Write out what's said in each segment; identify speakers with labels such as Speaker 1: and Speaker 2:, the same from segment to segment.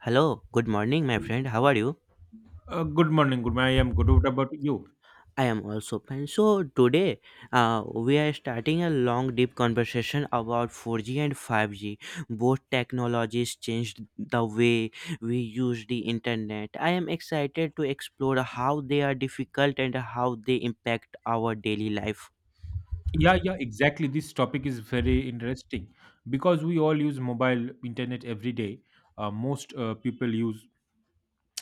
Speaker 1: Hello, good morning, my friend. How are you?
Speaker 2: Good morning. Good morning. I am good. What about you?
Speaker 1: I am also fine. So, today we are starting a long, deep conversation about 4G and 5G. Both technologies changed the way we use the internet. I am excited to explore how they are difficult and how they impact our daily life.
Speaker 2: Yeah, yeah, exactly. This topic is very interesting because we all use mobile internet every day. Most people use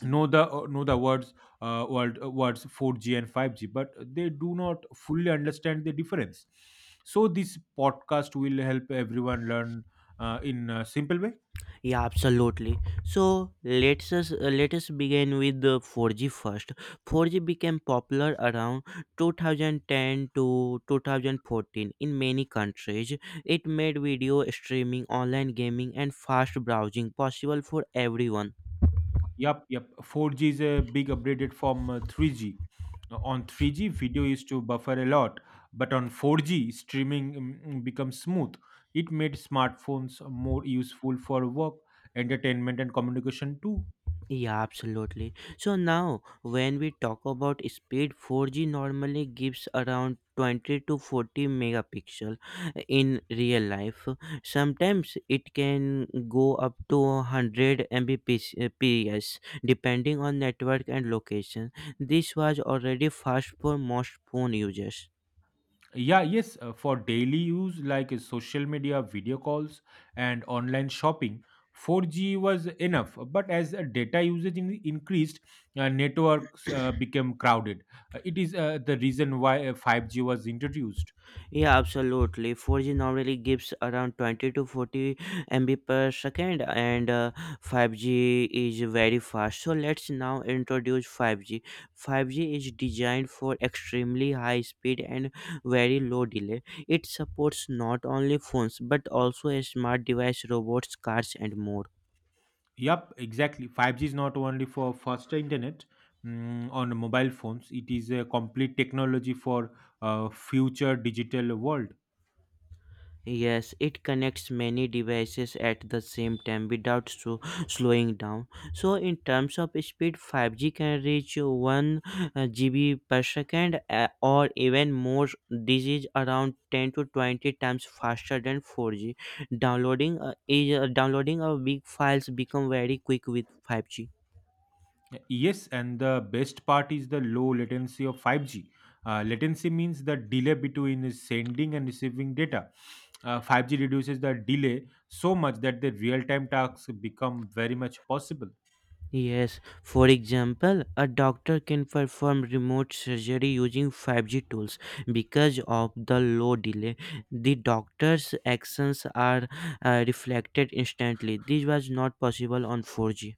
Speaker 2: know the words word, words 4G and 5G, but they do not fully understand the difference. So this podcast will help everyone learn in a simple way.
Speaker 1: Yeah, absolutely. So let us begin with the 4G first. 4G became popular around 2010 to 2014 in many countries. It made video streaming, online gaming, and fast browsing possible for everyone.
Speaker 2: Yep. 4G is a big upgraded from 3G. On 3G, video used to buffer a lot, but on 4G, streaming becomes smooth. It made smartphones more useful for work, entertainment, and communication too.
Speaker 1: Yeah, absolutely. So now, when we talk about speed, 4G normally gives around 20 to 40 megapixel in real life. Sometimes it can go up to 100 Mbps depending on network and location. This was already fast for most phone users.
Speaker 2: Yeah, yes, for daily use like social media, video calls, and online shopping, 4G was enough. But as data usage increased, networks became crowded. It is The reason why 5G was introduced.
Speaker 1: Yeah, absolutely. 4G normally gives around 20 to 40 MB per second, and 5G is very fast. So let's now introduce 5G. 5G is designed for extremely high speed and very low delay. It supports not only phones but also smart device, robots, cars, and more.
Speaker 2: Yep, exactly. 5G is not only for faster internet on mobile phones, it is a complete technology for future digital world.
Speaker 1: Yes, it connects many devices at the same time without so slowing down. So, in terms of speed, 5G can reach 1 GB per second or even more. This is around 10 to 20 times faster than 4G. Downloading of big files become very quick with 5G.
Speaker 2: Yes, and the best part is the low latency of 5G. Latency means the delay between sending and receiving data. 5G reduces the delay so much that the real-time tasks become very much possible.
Speaker 1: Yes, for example, a doctor can perform remote surgery using 5G tools because of the low delay. The doctor's actions are reflected instantly. This was not possible on 4G.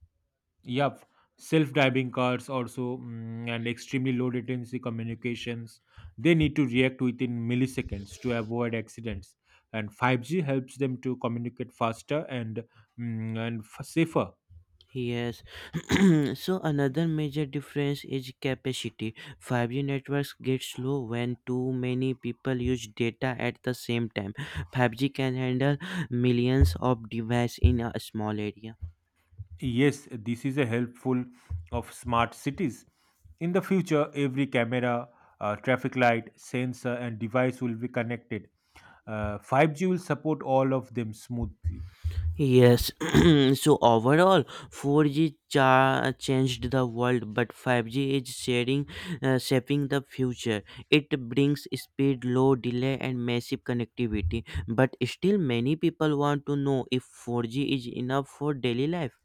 Speaker 2: Yep, self-driving cars also and extremely low latency communications. They need to react within milliseconds to avoid accidents. And 5G helps them to communicate faster and safer.
Speaker 1: Yes. So another major difference is capacity. 5G networks get slow when too many people use data at the same time. 5G can handle millions of devices in a small area.
Speaker 2: Yes, this is a helpful of smart cities. In the future, every camera, traffic light, sensor, and device will be connected. 5G will support all of them smoothly.
Speaker 1: Yes, so overall, changed the world, but 5G is shaping the future. It brings speed, low delay, and massive connectivity. But still, many people want to know if 4G is enough for daily life.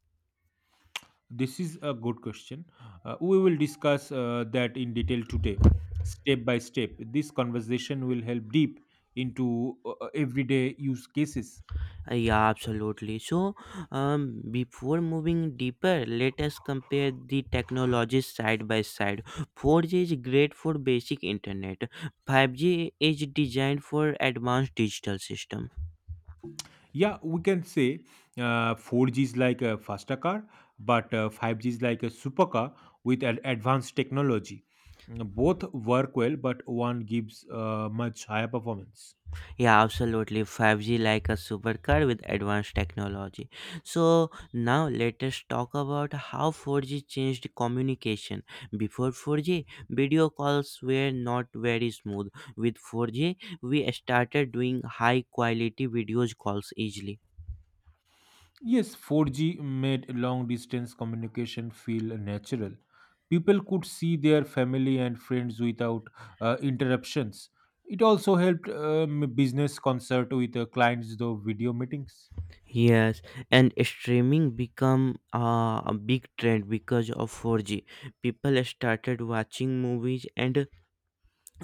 Speaker 2: This is a good question. We will discuss that in detail today, step by step. This conversation will help deep into everyday use cases.
Speaker 1: Yeah, absolutely. So, before moving deeper, let us compare the technologies side by side. 4G is great for basic internet. 5G is designed for advanced digital system.
Speaker 2: Yeah, we can say 4G is like a faster car, but 5G is like a supercar with an advanced technology. Both work well, but one gives much higher performance.
Speaker 1: Yeah, absolutely. 5G like a supercar with advanced technology. So now let us talk about how 4G changed communication. Before 4G, video calls were not very smooth. With 4G, we started doing high quality video calls easily.
Speaker 2: Yes, 4G made long distance communication feel natural. People could see their family and friends without interruptions. It also helped business concert with clients through video meetings.
Speaker 1: Yes, and streaming become a big trend because of 4G. People started watching movies and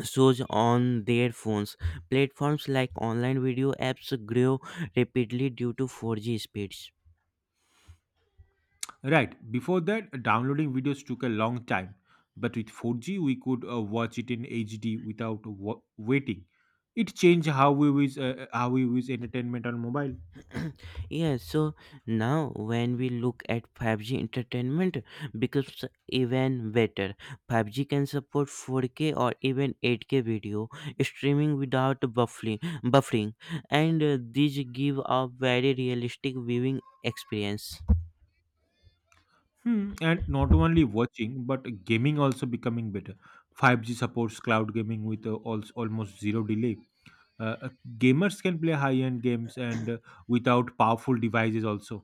Speaker 1: shows on their phones. Platforms like online video apps grew rapidly due to 4G speeds.
Speaker 2: Right, before that, downloading videos took a long time. But with 4G, we could watch it in HD without waiting. It changed how we use entertainment on mobile.
Speaker 1: Yeah, so now when we look at 5G entertainment becomes even better. 5G can support 4K or even 8K video streaming without buffering, and these give a very realistic viewing experience.
Speaker 2: Hmm, and not only watching, but gaming also becoming better. 5G supports cloud gaming with also almost zero delay. Uh, uh, Gamers can play high-end games and without powerful devices also.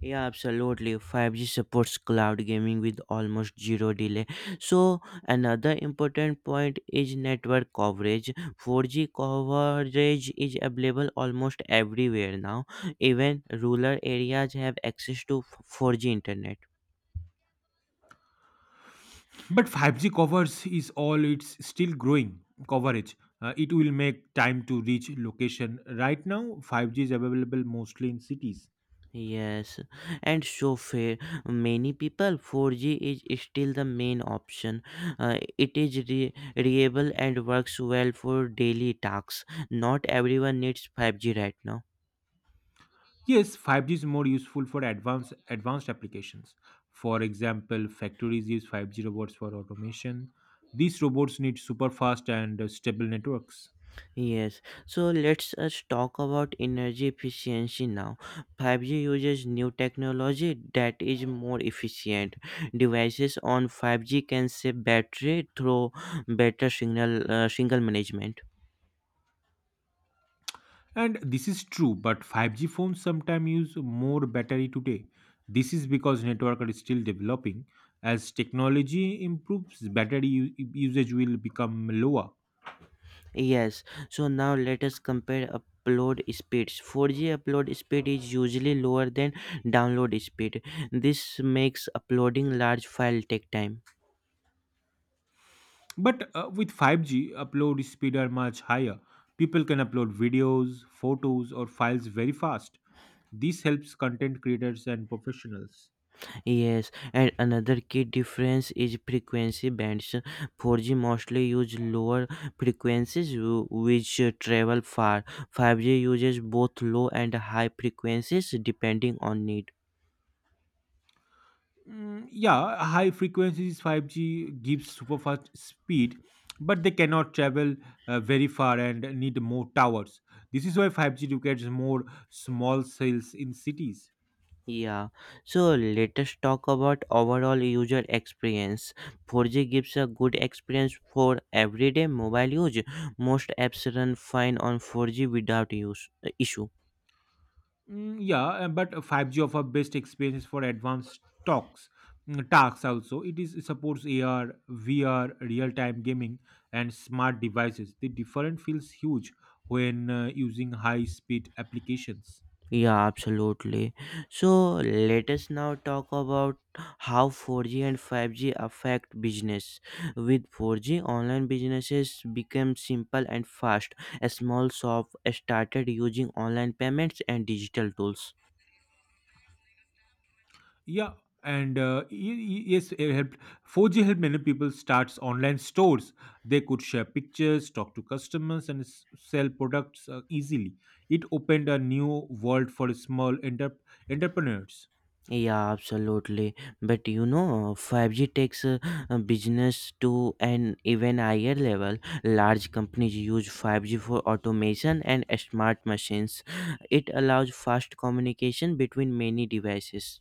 Speaker 1: Yeah, absolutely. 5G supports cloud gaming with almost zero delay. So, another important point is network coverage. 4G coverage is available almost everywhere now. Even rural areas have access to 4G internet.
Speaker 2: But 5G covers is all it's still growing coverage. It will make time to reach location. Right now, 5G is available mostly in cities.
Speaker 1: Yes, and so fair. Many people, 4G is still the main option. It is reliable and works well for daily tasks. Not everyone needs 5G right now.
Speaker 2: Yes, 5G is more useful for advanced advanced applications. For example, factories use 5G robots for automation. These robots need super fast and stable networks.
Speaker 1: Yes, so let's us talk about energy efficiency now. 5G uses new technology that is more efficient. Devices on 5G can save battery through better signal management.
Speaker 2: And this is true, but 5G phones sometimes use more battery today. This is because network are still developing. As technology improves, battery usage will become lower.
Speaker 1: Yes, so now let us compare upload speeds. 4G upload speed is usually lower than download speed. This makes uploading large file take time.
Speaker 2: But with 5G, upload speed are much higher. People can upload videos, photos, or files very fast. This helps content creators and professionals.
Speaker 1: Yes, and another key difference is frequency bands. 4G mostly use lower frequencies which travel far. 5G uses both low and high frequencies depending on need.
Speaker 2: Yeah, high frequencies 5G gives super fast speed, but they cannot travel very far and need more towers. This is why 5G requires more small cells in cities.
Speaker 1: Yeah, so let us talk about overall user experience. 4G gives a good experience for everyday mobile use. Most apps run fine on 4G without use, issue.
Speaker 2: Yeah, but 5G offer best experience for advanced talks. Tasks also it is it supports AR, VR, real-time gaming, and smart devices. The difference feels huge when using high-speed applications.
Speaker 1: Yeah, absolutely. So let us now talk about how 4G and 5G affect business. With 4G, online businesses became simple and fast. A small shop started using online payments and digital tools.
Speaker 2: Yeah, and y- y- yes, it helped. 4G helped many people start online stores. They could share pictures, talk to customers, and sell products easily. It opened a new world for small entrepreneurs.
Speaker 1: Yeah, absolutely. But you know, 5G takes business to an even higher level. Large companies use 5G for automation and smart machines. It allows fast communication between many devices.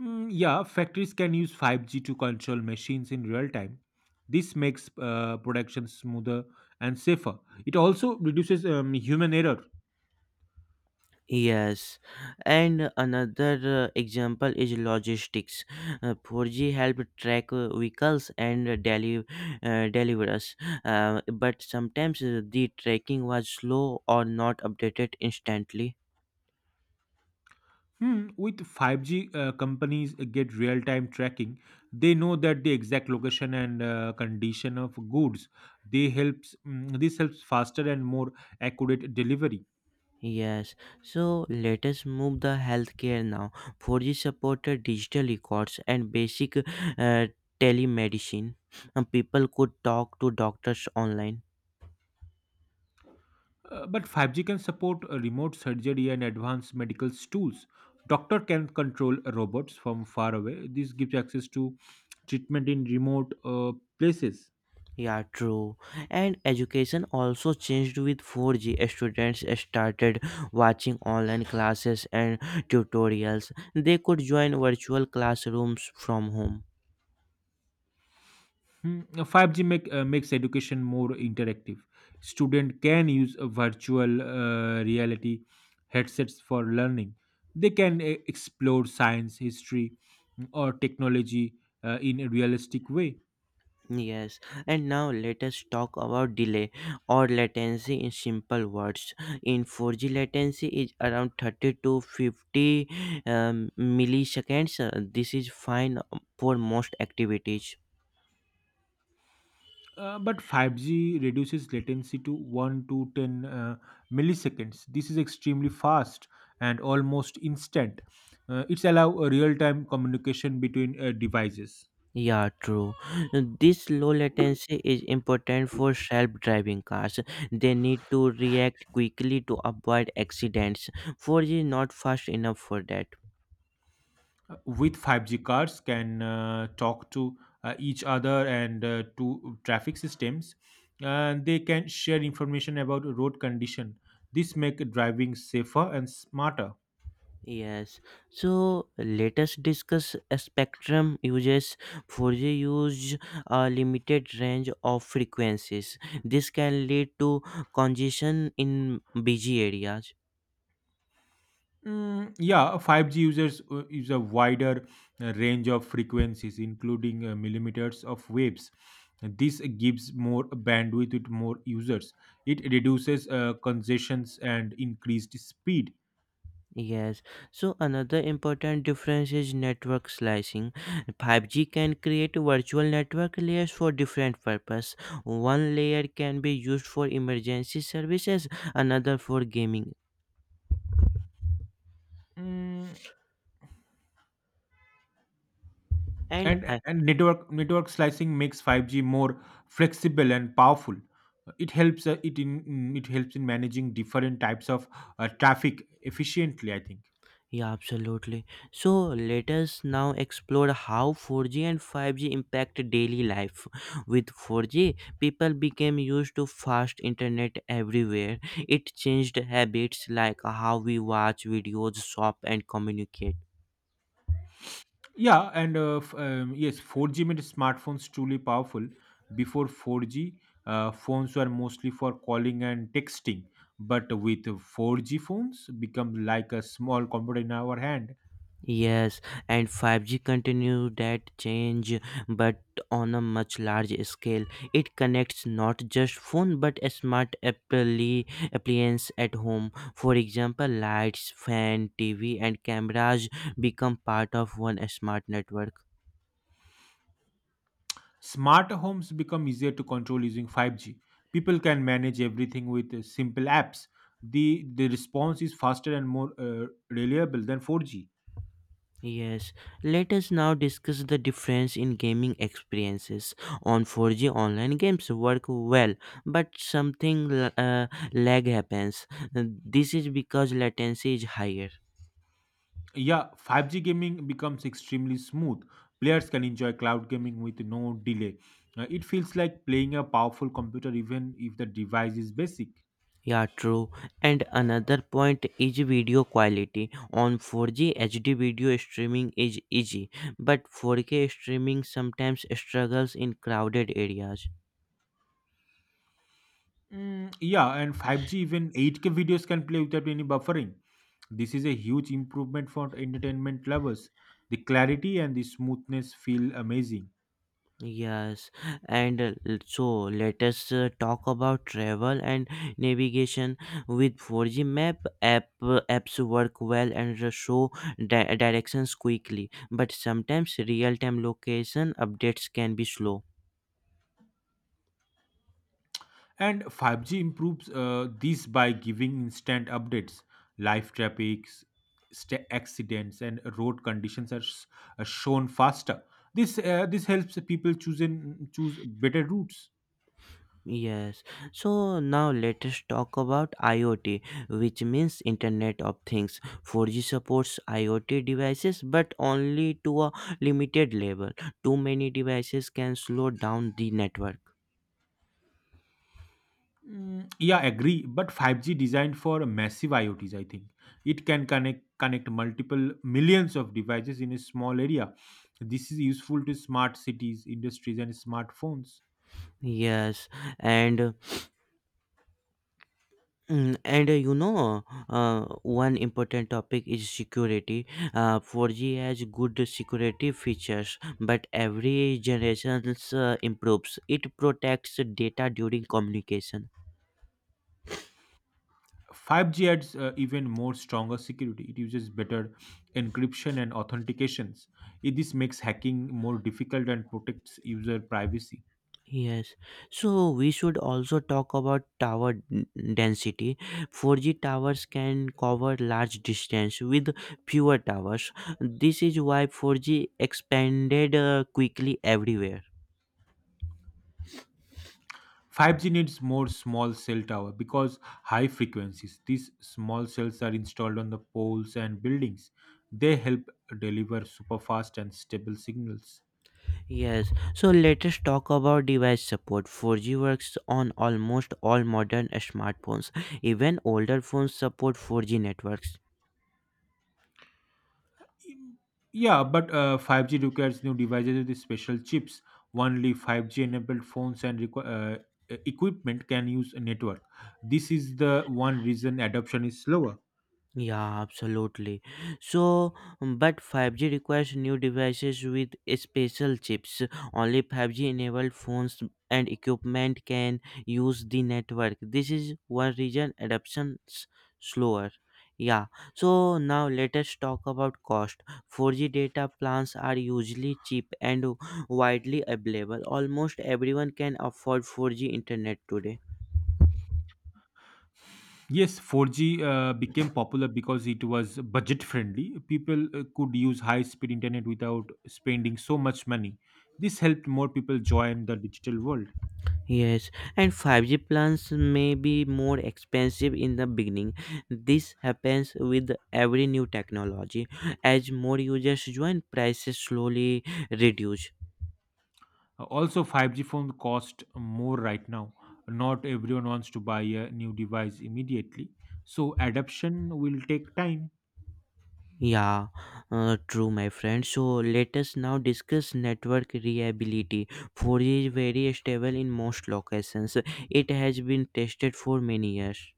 Speaker 2: Yeah, factories can use 5G to control machines in real time. This makes production smoother and safer. It also reduces human error.
Speaker 1: Yes, and another example is logistics. 4G help track vehicles and deliverers, but sometimes the tracking was slow or not updated instantly.
Speaker 2: Hmm, with 5G, companies get real time tracking. They know that the exact location and condition of goods. This helps faster and more accurate delivery.
Speaker 1: Yes, so let us move the healthcare now. 4G supported digital records and basic telemedicine. And people could talk to doctors online.
Speaker 2: But 5G can support remote surgery and advanced medical tools. Doctor can control robots from far away. This gives access to treatment in remote places.
Speaker 1: Yeah, true. And education also changed with 4G. Students started watching online classes and tutorials. They could join virtual classrooms from home.
Speaker 2: Hmm, makes education more interactive. Student can use a virtual reality headsets for learning. They can explore science, history, or technology in a realistic way.
Speaker 1: Yes, and now let us talk about delay or latency in simple words. In 4G, latency is around 30 to 50 milliseconds. This is fine for most activities.
Speaker 2: But 5G reduces latency to 1 to 10 milliseconds. This is extremely fast and almost instant. It's allow a real-time communication between devices.
Speaker 1: Yeah, true. This low latency is important for self driving cars. They need to react quickly to avoid accidents. 4G is not fast enough for that.
Speaker 2: With 5G cars can talk to each other and to traffic systems. And they can share information about road condition. This make driving safer and smarter.
Speaker 1: Yes, so let us discuss a spectrum uses 4G use a limited range of frequencies. This can lead to congestion in busy areas.
Speaker 2: Yeah, 5G users use a wider range of frequencies, including millimeters of waves. This gives more bandwidth with more users. It reduces congestions and increased speed.
Speaker 1: Yes, so another important difference is network slicing. 5G can create virtual network layers for different purpose. One layer can be used for emergency services, another for gaming.
Speaker 2: Mm,
Speaker 1: And
Speaker 2: and network slicing makes 5G more flexible and powerful. It helps it helps in managing different types of traffic efficiently, I think.
Speaker 1: yeah, absolutely. So let us now explore how 4G and 5G impact daily life. With 4G, people became used to fast internet everywhere. It changed habits like how we watch videos, shop, and communicate.
Speaker 2: Yeah, and yes, 4G made smartphones truly powerful. Before 4G, phones were mostly for calling and texting, but with 4G phones become like a small computer in our hand.
Speaker 1: Yes, and 5G continued that change, but on a much larger scale. It connects not just phone but a smart appliance at home. For example, lights, fan, TV, and cameras become part of one smart network.
Speaker 2: Smart homes become easier to control using 5G. People can manage everything with simple apps. The response is faster and more reliable than 4G.
Speaker 1: Yes, let us now discuss the difference in gaming experiences on 4G online games work well, but something lag happens. This is because latency is higher.
Speaker 2: Yeah, 5G gaming becomes extremely smooth. Players can enjoy cloud gaming with no delay. It feels like playing a powerful computer even if the device is basic.
Speaker 1: Yeah, true. And another point is video quality. On 4G HD video streaming is easy, but 4K streaming sometimes struggles in crowded areas.
Speaker 2: Yeah, and 5G even 8K videos can play without any buffering. This is a huge improvement for entertainment lovers. The clarity and the smoothness feel amazing.
Speaker 1: Yes, and so let us talk about travel and navigation with 4G map app apps work well and show directions quickly, but sometimes real-time location updates can be slow.
Speaker 2: And 5G improves this by giving instant updates. Live traffic, accidents, and road conditions are shown faster. This helps people choose better routes.
Speaker 1: Yes, so now let us talk about IoT, which means Internet of Things. 4G supports IoT devices, but only to a limited level. Too many devices can slow down the network.
Speaker 2: Yeah, agree. But 5G designed for massive IoTs, I think. It can connect multiple millions of devices in a small area. This is useful to smart cities, industries, and smartphones.
Speaker 1: Yes, and you know, one important topic is security. 4G has good security features, but every generation improves. It protects data during communication.
Speaker 2: 5G adds even more stronger security. It uses better encryption and authentications. This makes hacking more difficult and protects user privacy.
Speaker 1: Yes, so we should also talk about tower density. 4G towers can cover large distance with fewer towers. This is why 4G expanded quickly everywhere.
Speaker 2: 5G needs more small cell tower because high frequencies. These small cells are installed on the poles and buildings. They help deliver super fast and stable signals.
Speaker 1: Yes, so let us talk about device support. 4G works on almost all modern smartphones. Even older phones support 4G networks.
Speaker 2: Yeah, but 5G requires new devices with special chips. Only 5G enabled phones and equipment can use a network. This is the one reason adoption is slower.
Speaker 1: Yeah, absolutely. So, but 5G requires new devices with special chips. Only 5G enabled phones and equipment can use the network. This is one reason adoption's slower. Yeah, so now let us talk about cost. 4G data plans are usually cheap and widely available. Almost everyone can afford 4G internet today.
Speaker 2: Yes, 4G became popular because it was budget friendly. People could use high speed internet without spending so much money. This helped more people join the digital world.
Speaker 1: Yes, and 5G plans may be more expensive in the beginning. This happens with every new technology. As more users join, prices slowly reduce.
Speaker 2: Also, 5G phones cost more right now. Not everyone wants to buy a new device immediately, so adoption will take time.
Speaker 1: Yeah, true, my friend. So let us now discuss network reliability. 4G is very stable in most locations. It has been tested for many years.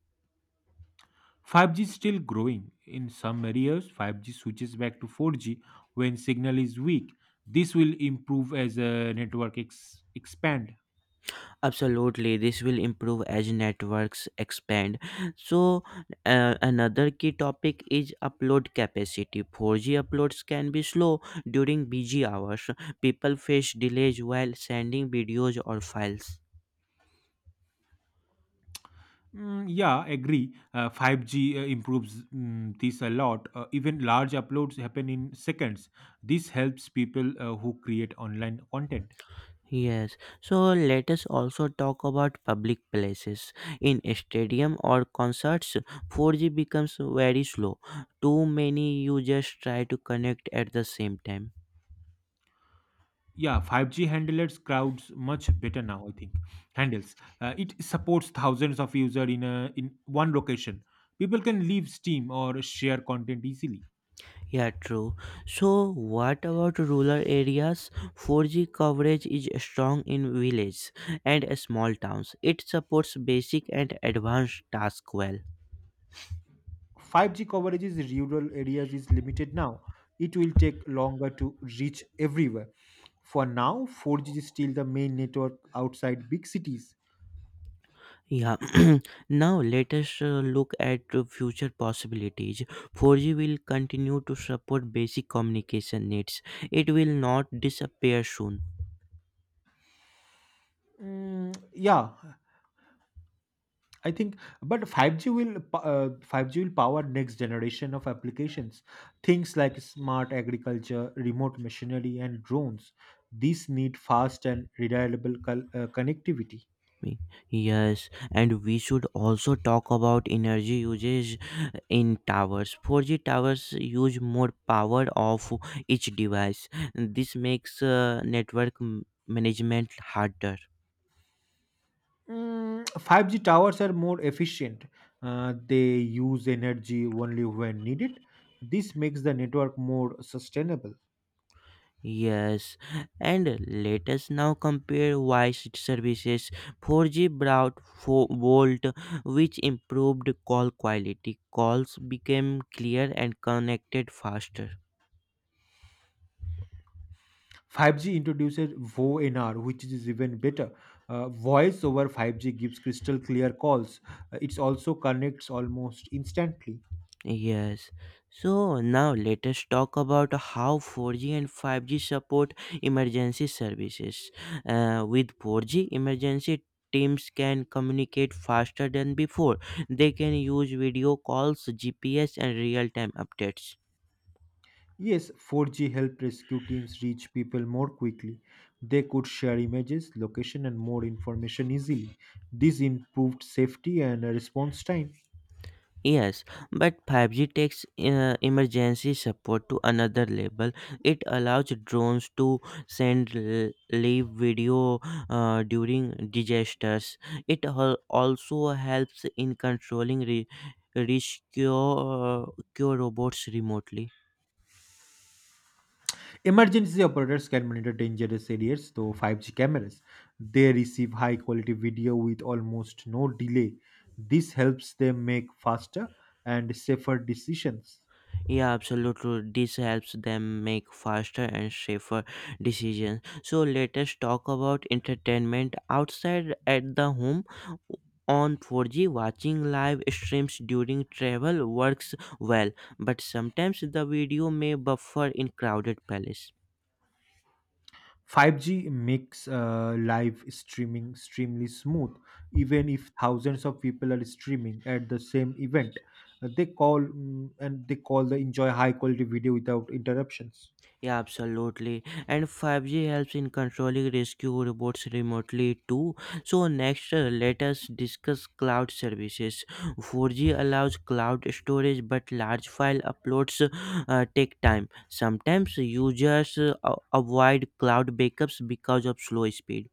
Speaker 2: 5G is still growing. In some areas, 5G switches back to 4G when signal is weak. This will improve as a network expand.
Speaker 1: Absolutely, this will improve as networks expand. So, another key topic is upload capacity. 4G uploads can be slow during busy hours. People face delays while sending videos or files.
Speaker 2: Yeah, agree. 5G improves this a lot. Even large uploads happen in seconds. This helps people who create online content.
Speaker 1: Yes, so let us also talk about public places. In stadium or concerts, 4G becomes very slow. Too many users try to connect at the same time.
Speaker 2: Yeah, 5G handles crowds much better now, I think. Handles. It supports thousands of users in one location. People can leave Steam or share content easily.
Speaker 1: Yeah, true. So, what about rural areas? 4G coverage is strong in villages and small towns. It supports basic and advanced tasks well.
Speaker 2: 5G coverage in rural areas is limited now. It will take longer to reach everywhere. For now, 4G is still the main network outside big cities.
Speaker 1: Yeah. now, let us look at the future possibilities. 4G will continue to support basic communication needs. It will not disappear soon.
Speaker 2: Yeah, I think, but 5G will power next generation of applications, things like smart agriculture, remote machinery, and drones. These need fast and reliable connectivity.
Speaker 1: Me- Yes, and we should also talk about energy usage in towers. 4G towers use more power of each device. This makes network management harder.
Speaker 2: 5G towers are more efficient. They use energy only when needed. This makes the network more sustainable.
Speaker 1: Yes, and let us now compare voice services. 4G brought 4-volt, which improved call quality. Calls became clear and connected faster.
Speaker 2: 5G introduces VoNR, which is even better. Voice over 5G gives crystal clear calls. It also connects almost instantly.
Speaker 1: Yes. So now let us talk about how 4G and 5G support emergency services. With 4G, emergency teams can communicate faster than before. They can use video calls, GPS, and real time updates.
Speaker 2: Yes, 4G helped rescue teams reach people more quickly. They could share images, location, and more information easily. This improved safety and response time.
Speaker 1: Yes, but 5G takes emergency support to another level. It allows drones to send live video during disasters. It also helps in controlling rescue cure robots remotely.
Speaker 2: Emergency operators can monitor dangerous areas through 5G cameras. They receive high quality video with almost no delay. This helps them make faster and safer decisions.
Speaker 1: Yeah, absolutely. This helps them make faster and safer decisions. So let us talk about entertainment outside at the home. On 4G, watching live streams during travel works well, but sometimes the video may buffer in crowded palace.
Speaker 2: 5G makes live streaming extremely smooth, even if thousands of people are streaming at the same event. They call and they call the enjoy high quality video without interruptions.
Speaker 1: Yeah, absolutely. And 5G helps in controlling rescue robots remotely too. So, next, let us discuss cloud services. 4G allows cloud storage, but large file uploads take time. Sometimes users avoid cloud backups because of slow speed.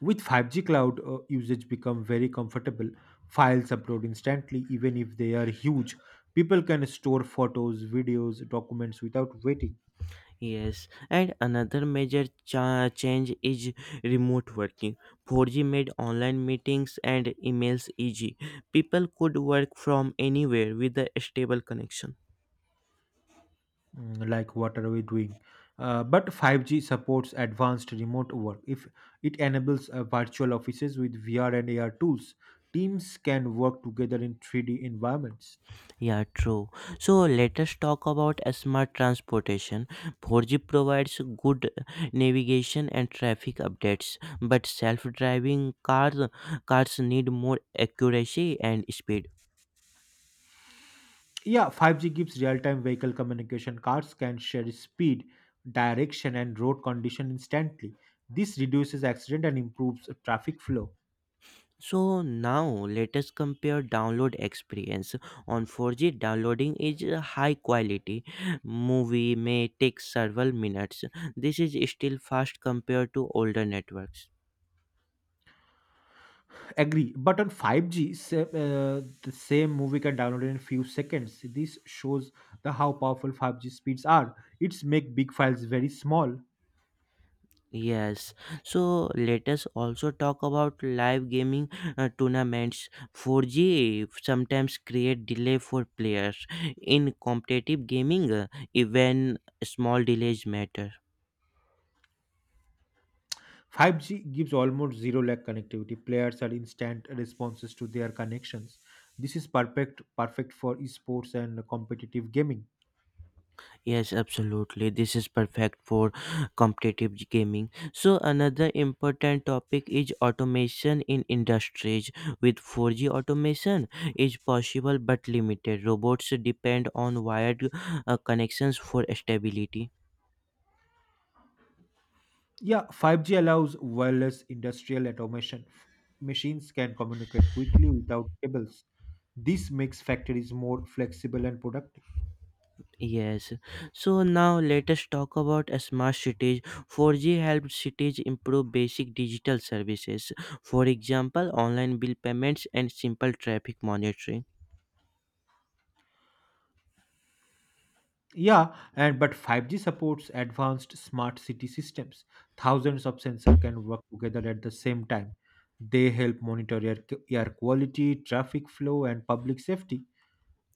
Speaker 2: With 5G cloud usage become very comfortable, files upload instantly even if they are huge. People can store photos, videos, documents without waiting.
Speaker 1: Yes, and another major change is remote working. 4G made online meetings and emails easy. People could work from anywhere with a stable connection.
Speaker 2: Like what are we doing? But 5G supports advanced remote work. If it enables virtual offices with VR and AR tools, teams can work together in 3D environments.
Speaker 1: Yeah, true. So let us talk about a smart transportation. 4G provides good navigation and traffic updates, but self-driving cars need more accuracy and speed.
Speaker 2: Yeah, 5G gives real-time vehicle communication. Cars can share speed, direction, and road condition instantly. This reduces accident and improves traffic flow.
Speaker 1: So now let us compare download experience. On 4G, downloading is a high quality. Movie may take several minutes. This is still fast compared to older networks.
Speaker 2: Agree, but on 5G, the same movie can download in a few seconds. This shows the how powerful 5G speeds are. It's make big files very small.
Speaker 1: Yes, so let us also talk about live gaming tournaments. 4G sometimes create delay for players. In competitive gaming, even small delays matter.
Speaker 2: 5G gives almost zero lag connectivity. Players are instant responses to their connections. This is perfect for esports and competitive gaming.
Speaker 1: Yes, absolutely. This is perfect for competitive gaming. So another important topic is automation in industries. With 4G automation is possible but limited. Robots depend on wired connections for stability.
Speaker 2: Yeah, 5G allows wireless industrial automation. Machines can communicate quickly without cables. This makes factories more flexible and productive.
Speaker 1: Yes. So now let us talk about smart cities. 4G helps cities improve basic digital services. For example, online bill payments and simple traffic monitoring.
Speaker 2: Yeah, and but 5G supports advanced smart city systems. Thousands of sensors can work together at the same time. They help monitor air quality, traffic flow, and public safety.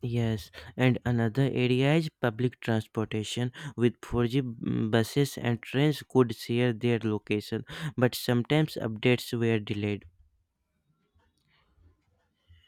Speaker 1: Yes, and another area is public transportation with 4G buses and trains could share their location, but sometimes updates were delayed.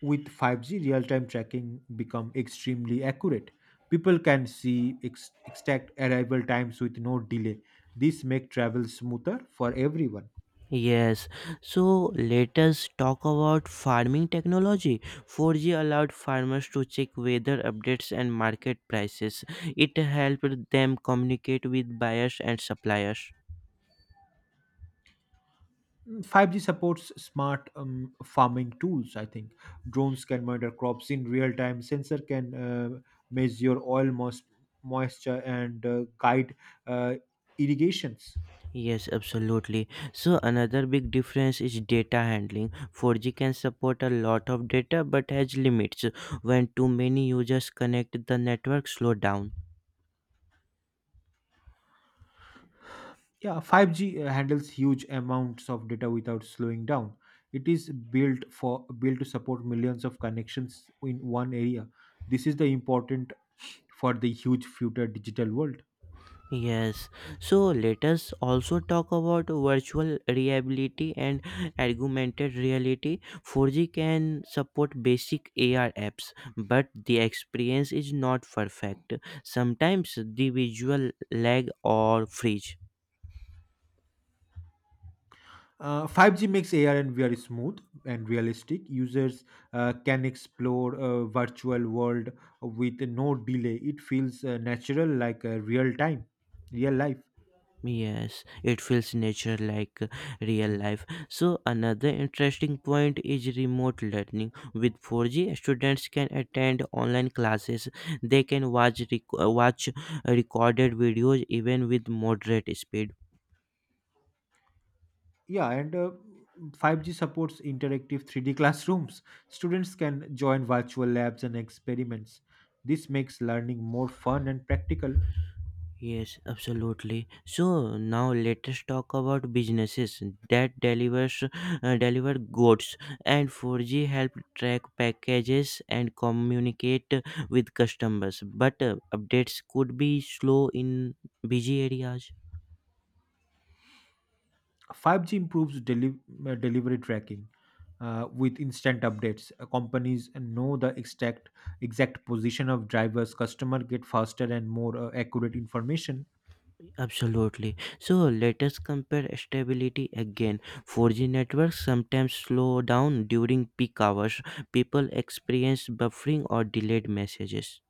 Speaker 2: With 5G, real time tracking become extremely accurate. People can see exact arrival times with no delay. This make travel smoother for everyone.
Speaker 1: Yes, so let us talk about farming technology. 4G allowed farmers to check weather updates and market prices. It helped them communicate with buyers and suppliers.
Speaker 2: 5G supports smart farming tools, I think. Drones can monitor crops in real time, sensor can measure oil mos- moisture and guide uh, irrigations.
Speaker 1: Yes, absolutely. So another big difference is data handling. 4G can support a lot of data but has limits. When too many users connect, the network slow down.
Speaker 2: Yeah, 5G handles huge amounts of data without slowing down. It is built to support millions of connections in one area. This is the important for the huge future digital world.
Speaker 1: Yes. So let us also talk about virtual reality and augmented reality. 4G can support basic AR apps, but the experience is not perfect. Sometimes the visual lag or freeze.
Speaker 2: 5G makes AR and VR smooth and realistic. Users can explore a virtual world with no delay. It feels natural, like a real life.
Speaker 1: Yes, it feels nature like real life. So another interesting point is remote learning. With 4G, students can attend online classes. They can watch recorded videos even with moderate speed.
Speaker 2: Yeah, and 5G supports interactive 3D classrooms. Students can join virtual labs and experiments. This makes learning more fun and practical.
Speaker 1: Yes, absolutely. So now let us talk about businesses that deliver goods and 4G help track packages and communicate with customers. But updates could be slow in busy areas.
Speaker 2: 5G improves delivery tracking with instant updates. Companies know the exact position of drivers. Customer get faster and more accurate information.
Speaker 1: Absolutely. So let us compare stability again. 4G networks sometimes slow down during peak hours. People experience buffering or delayed messages.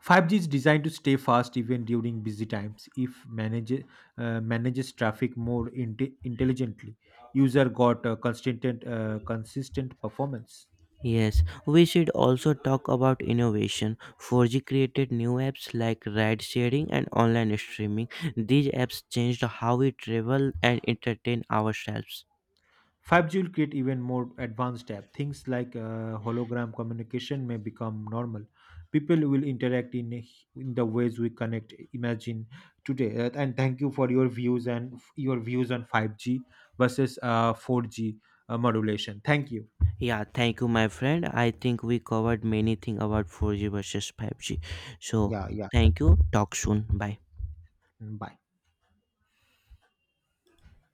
Speaker 2: 5G is designed to stay fast even during busy times if manages traffic more intelligently. User got consistent performance.
Speaker 1: Yes, we should also talk about innovation. 4G created new apps like ride sharing and online streaming. These apps changed how we travel and entertain ourselves.
Speaker 2: 5G will create even more advanced app. Things like hologram communication may become normal. People will in the ways we connect, imagine today. And thank you for your views and your views on 5G versus 4G modulation. Thank you.
Speaker 1: Yeah, thank you, my friend. I think we covered many things about 4G versus 5G. So,
Speaker 2: Yeah, yeah.
Speaker 1: thank you. Talk soon. Bye.
Speaker 2: Bye.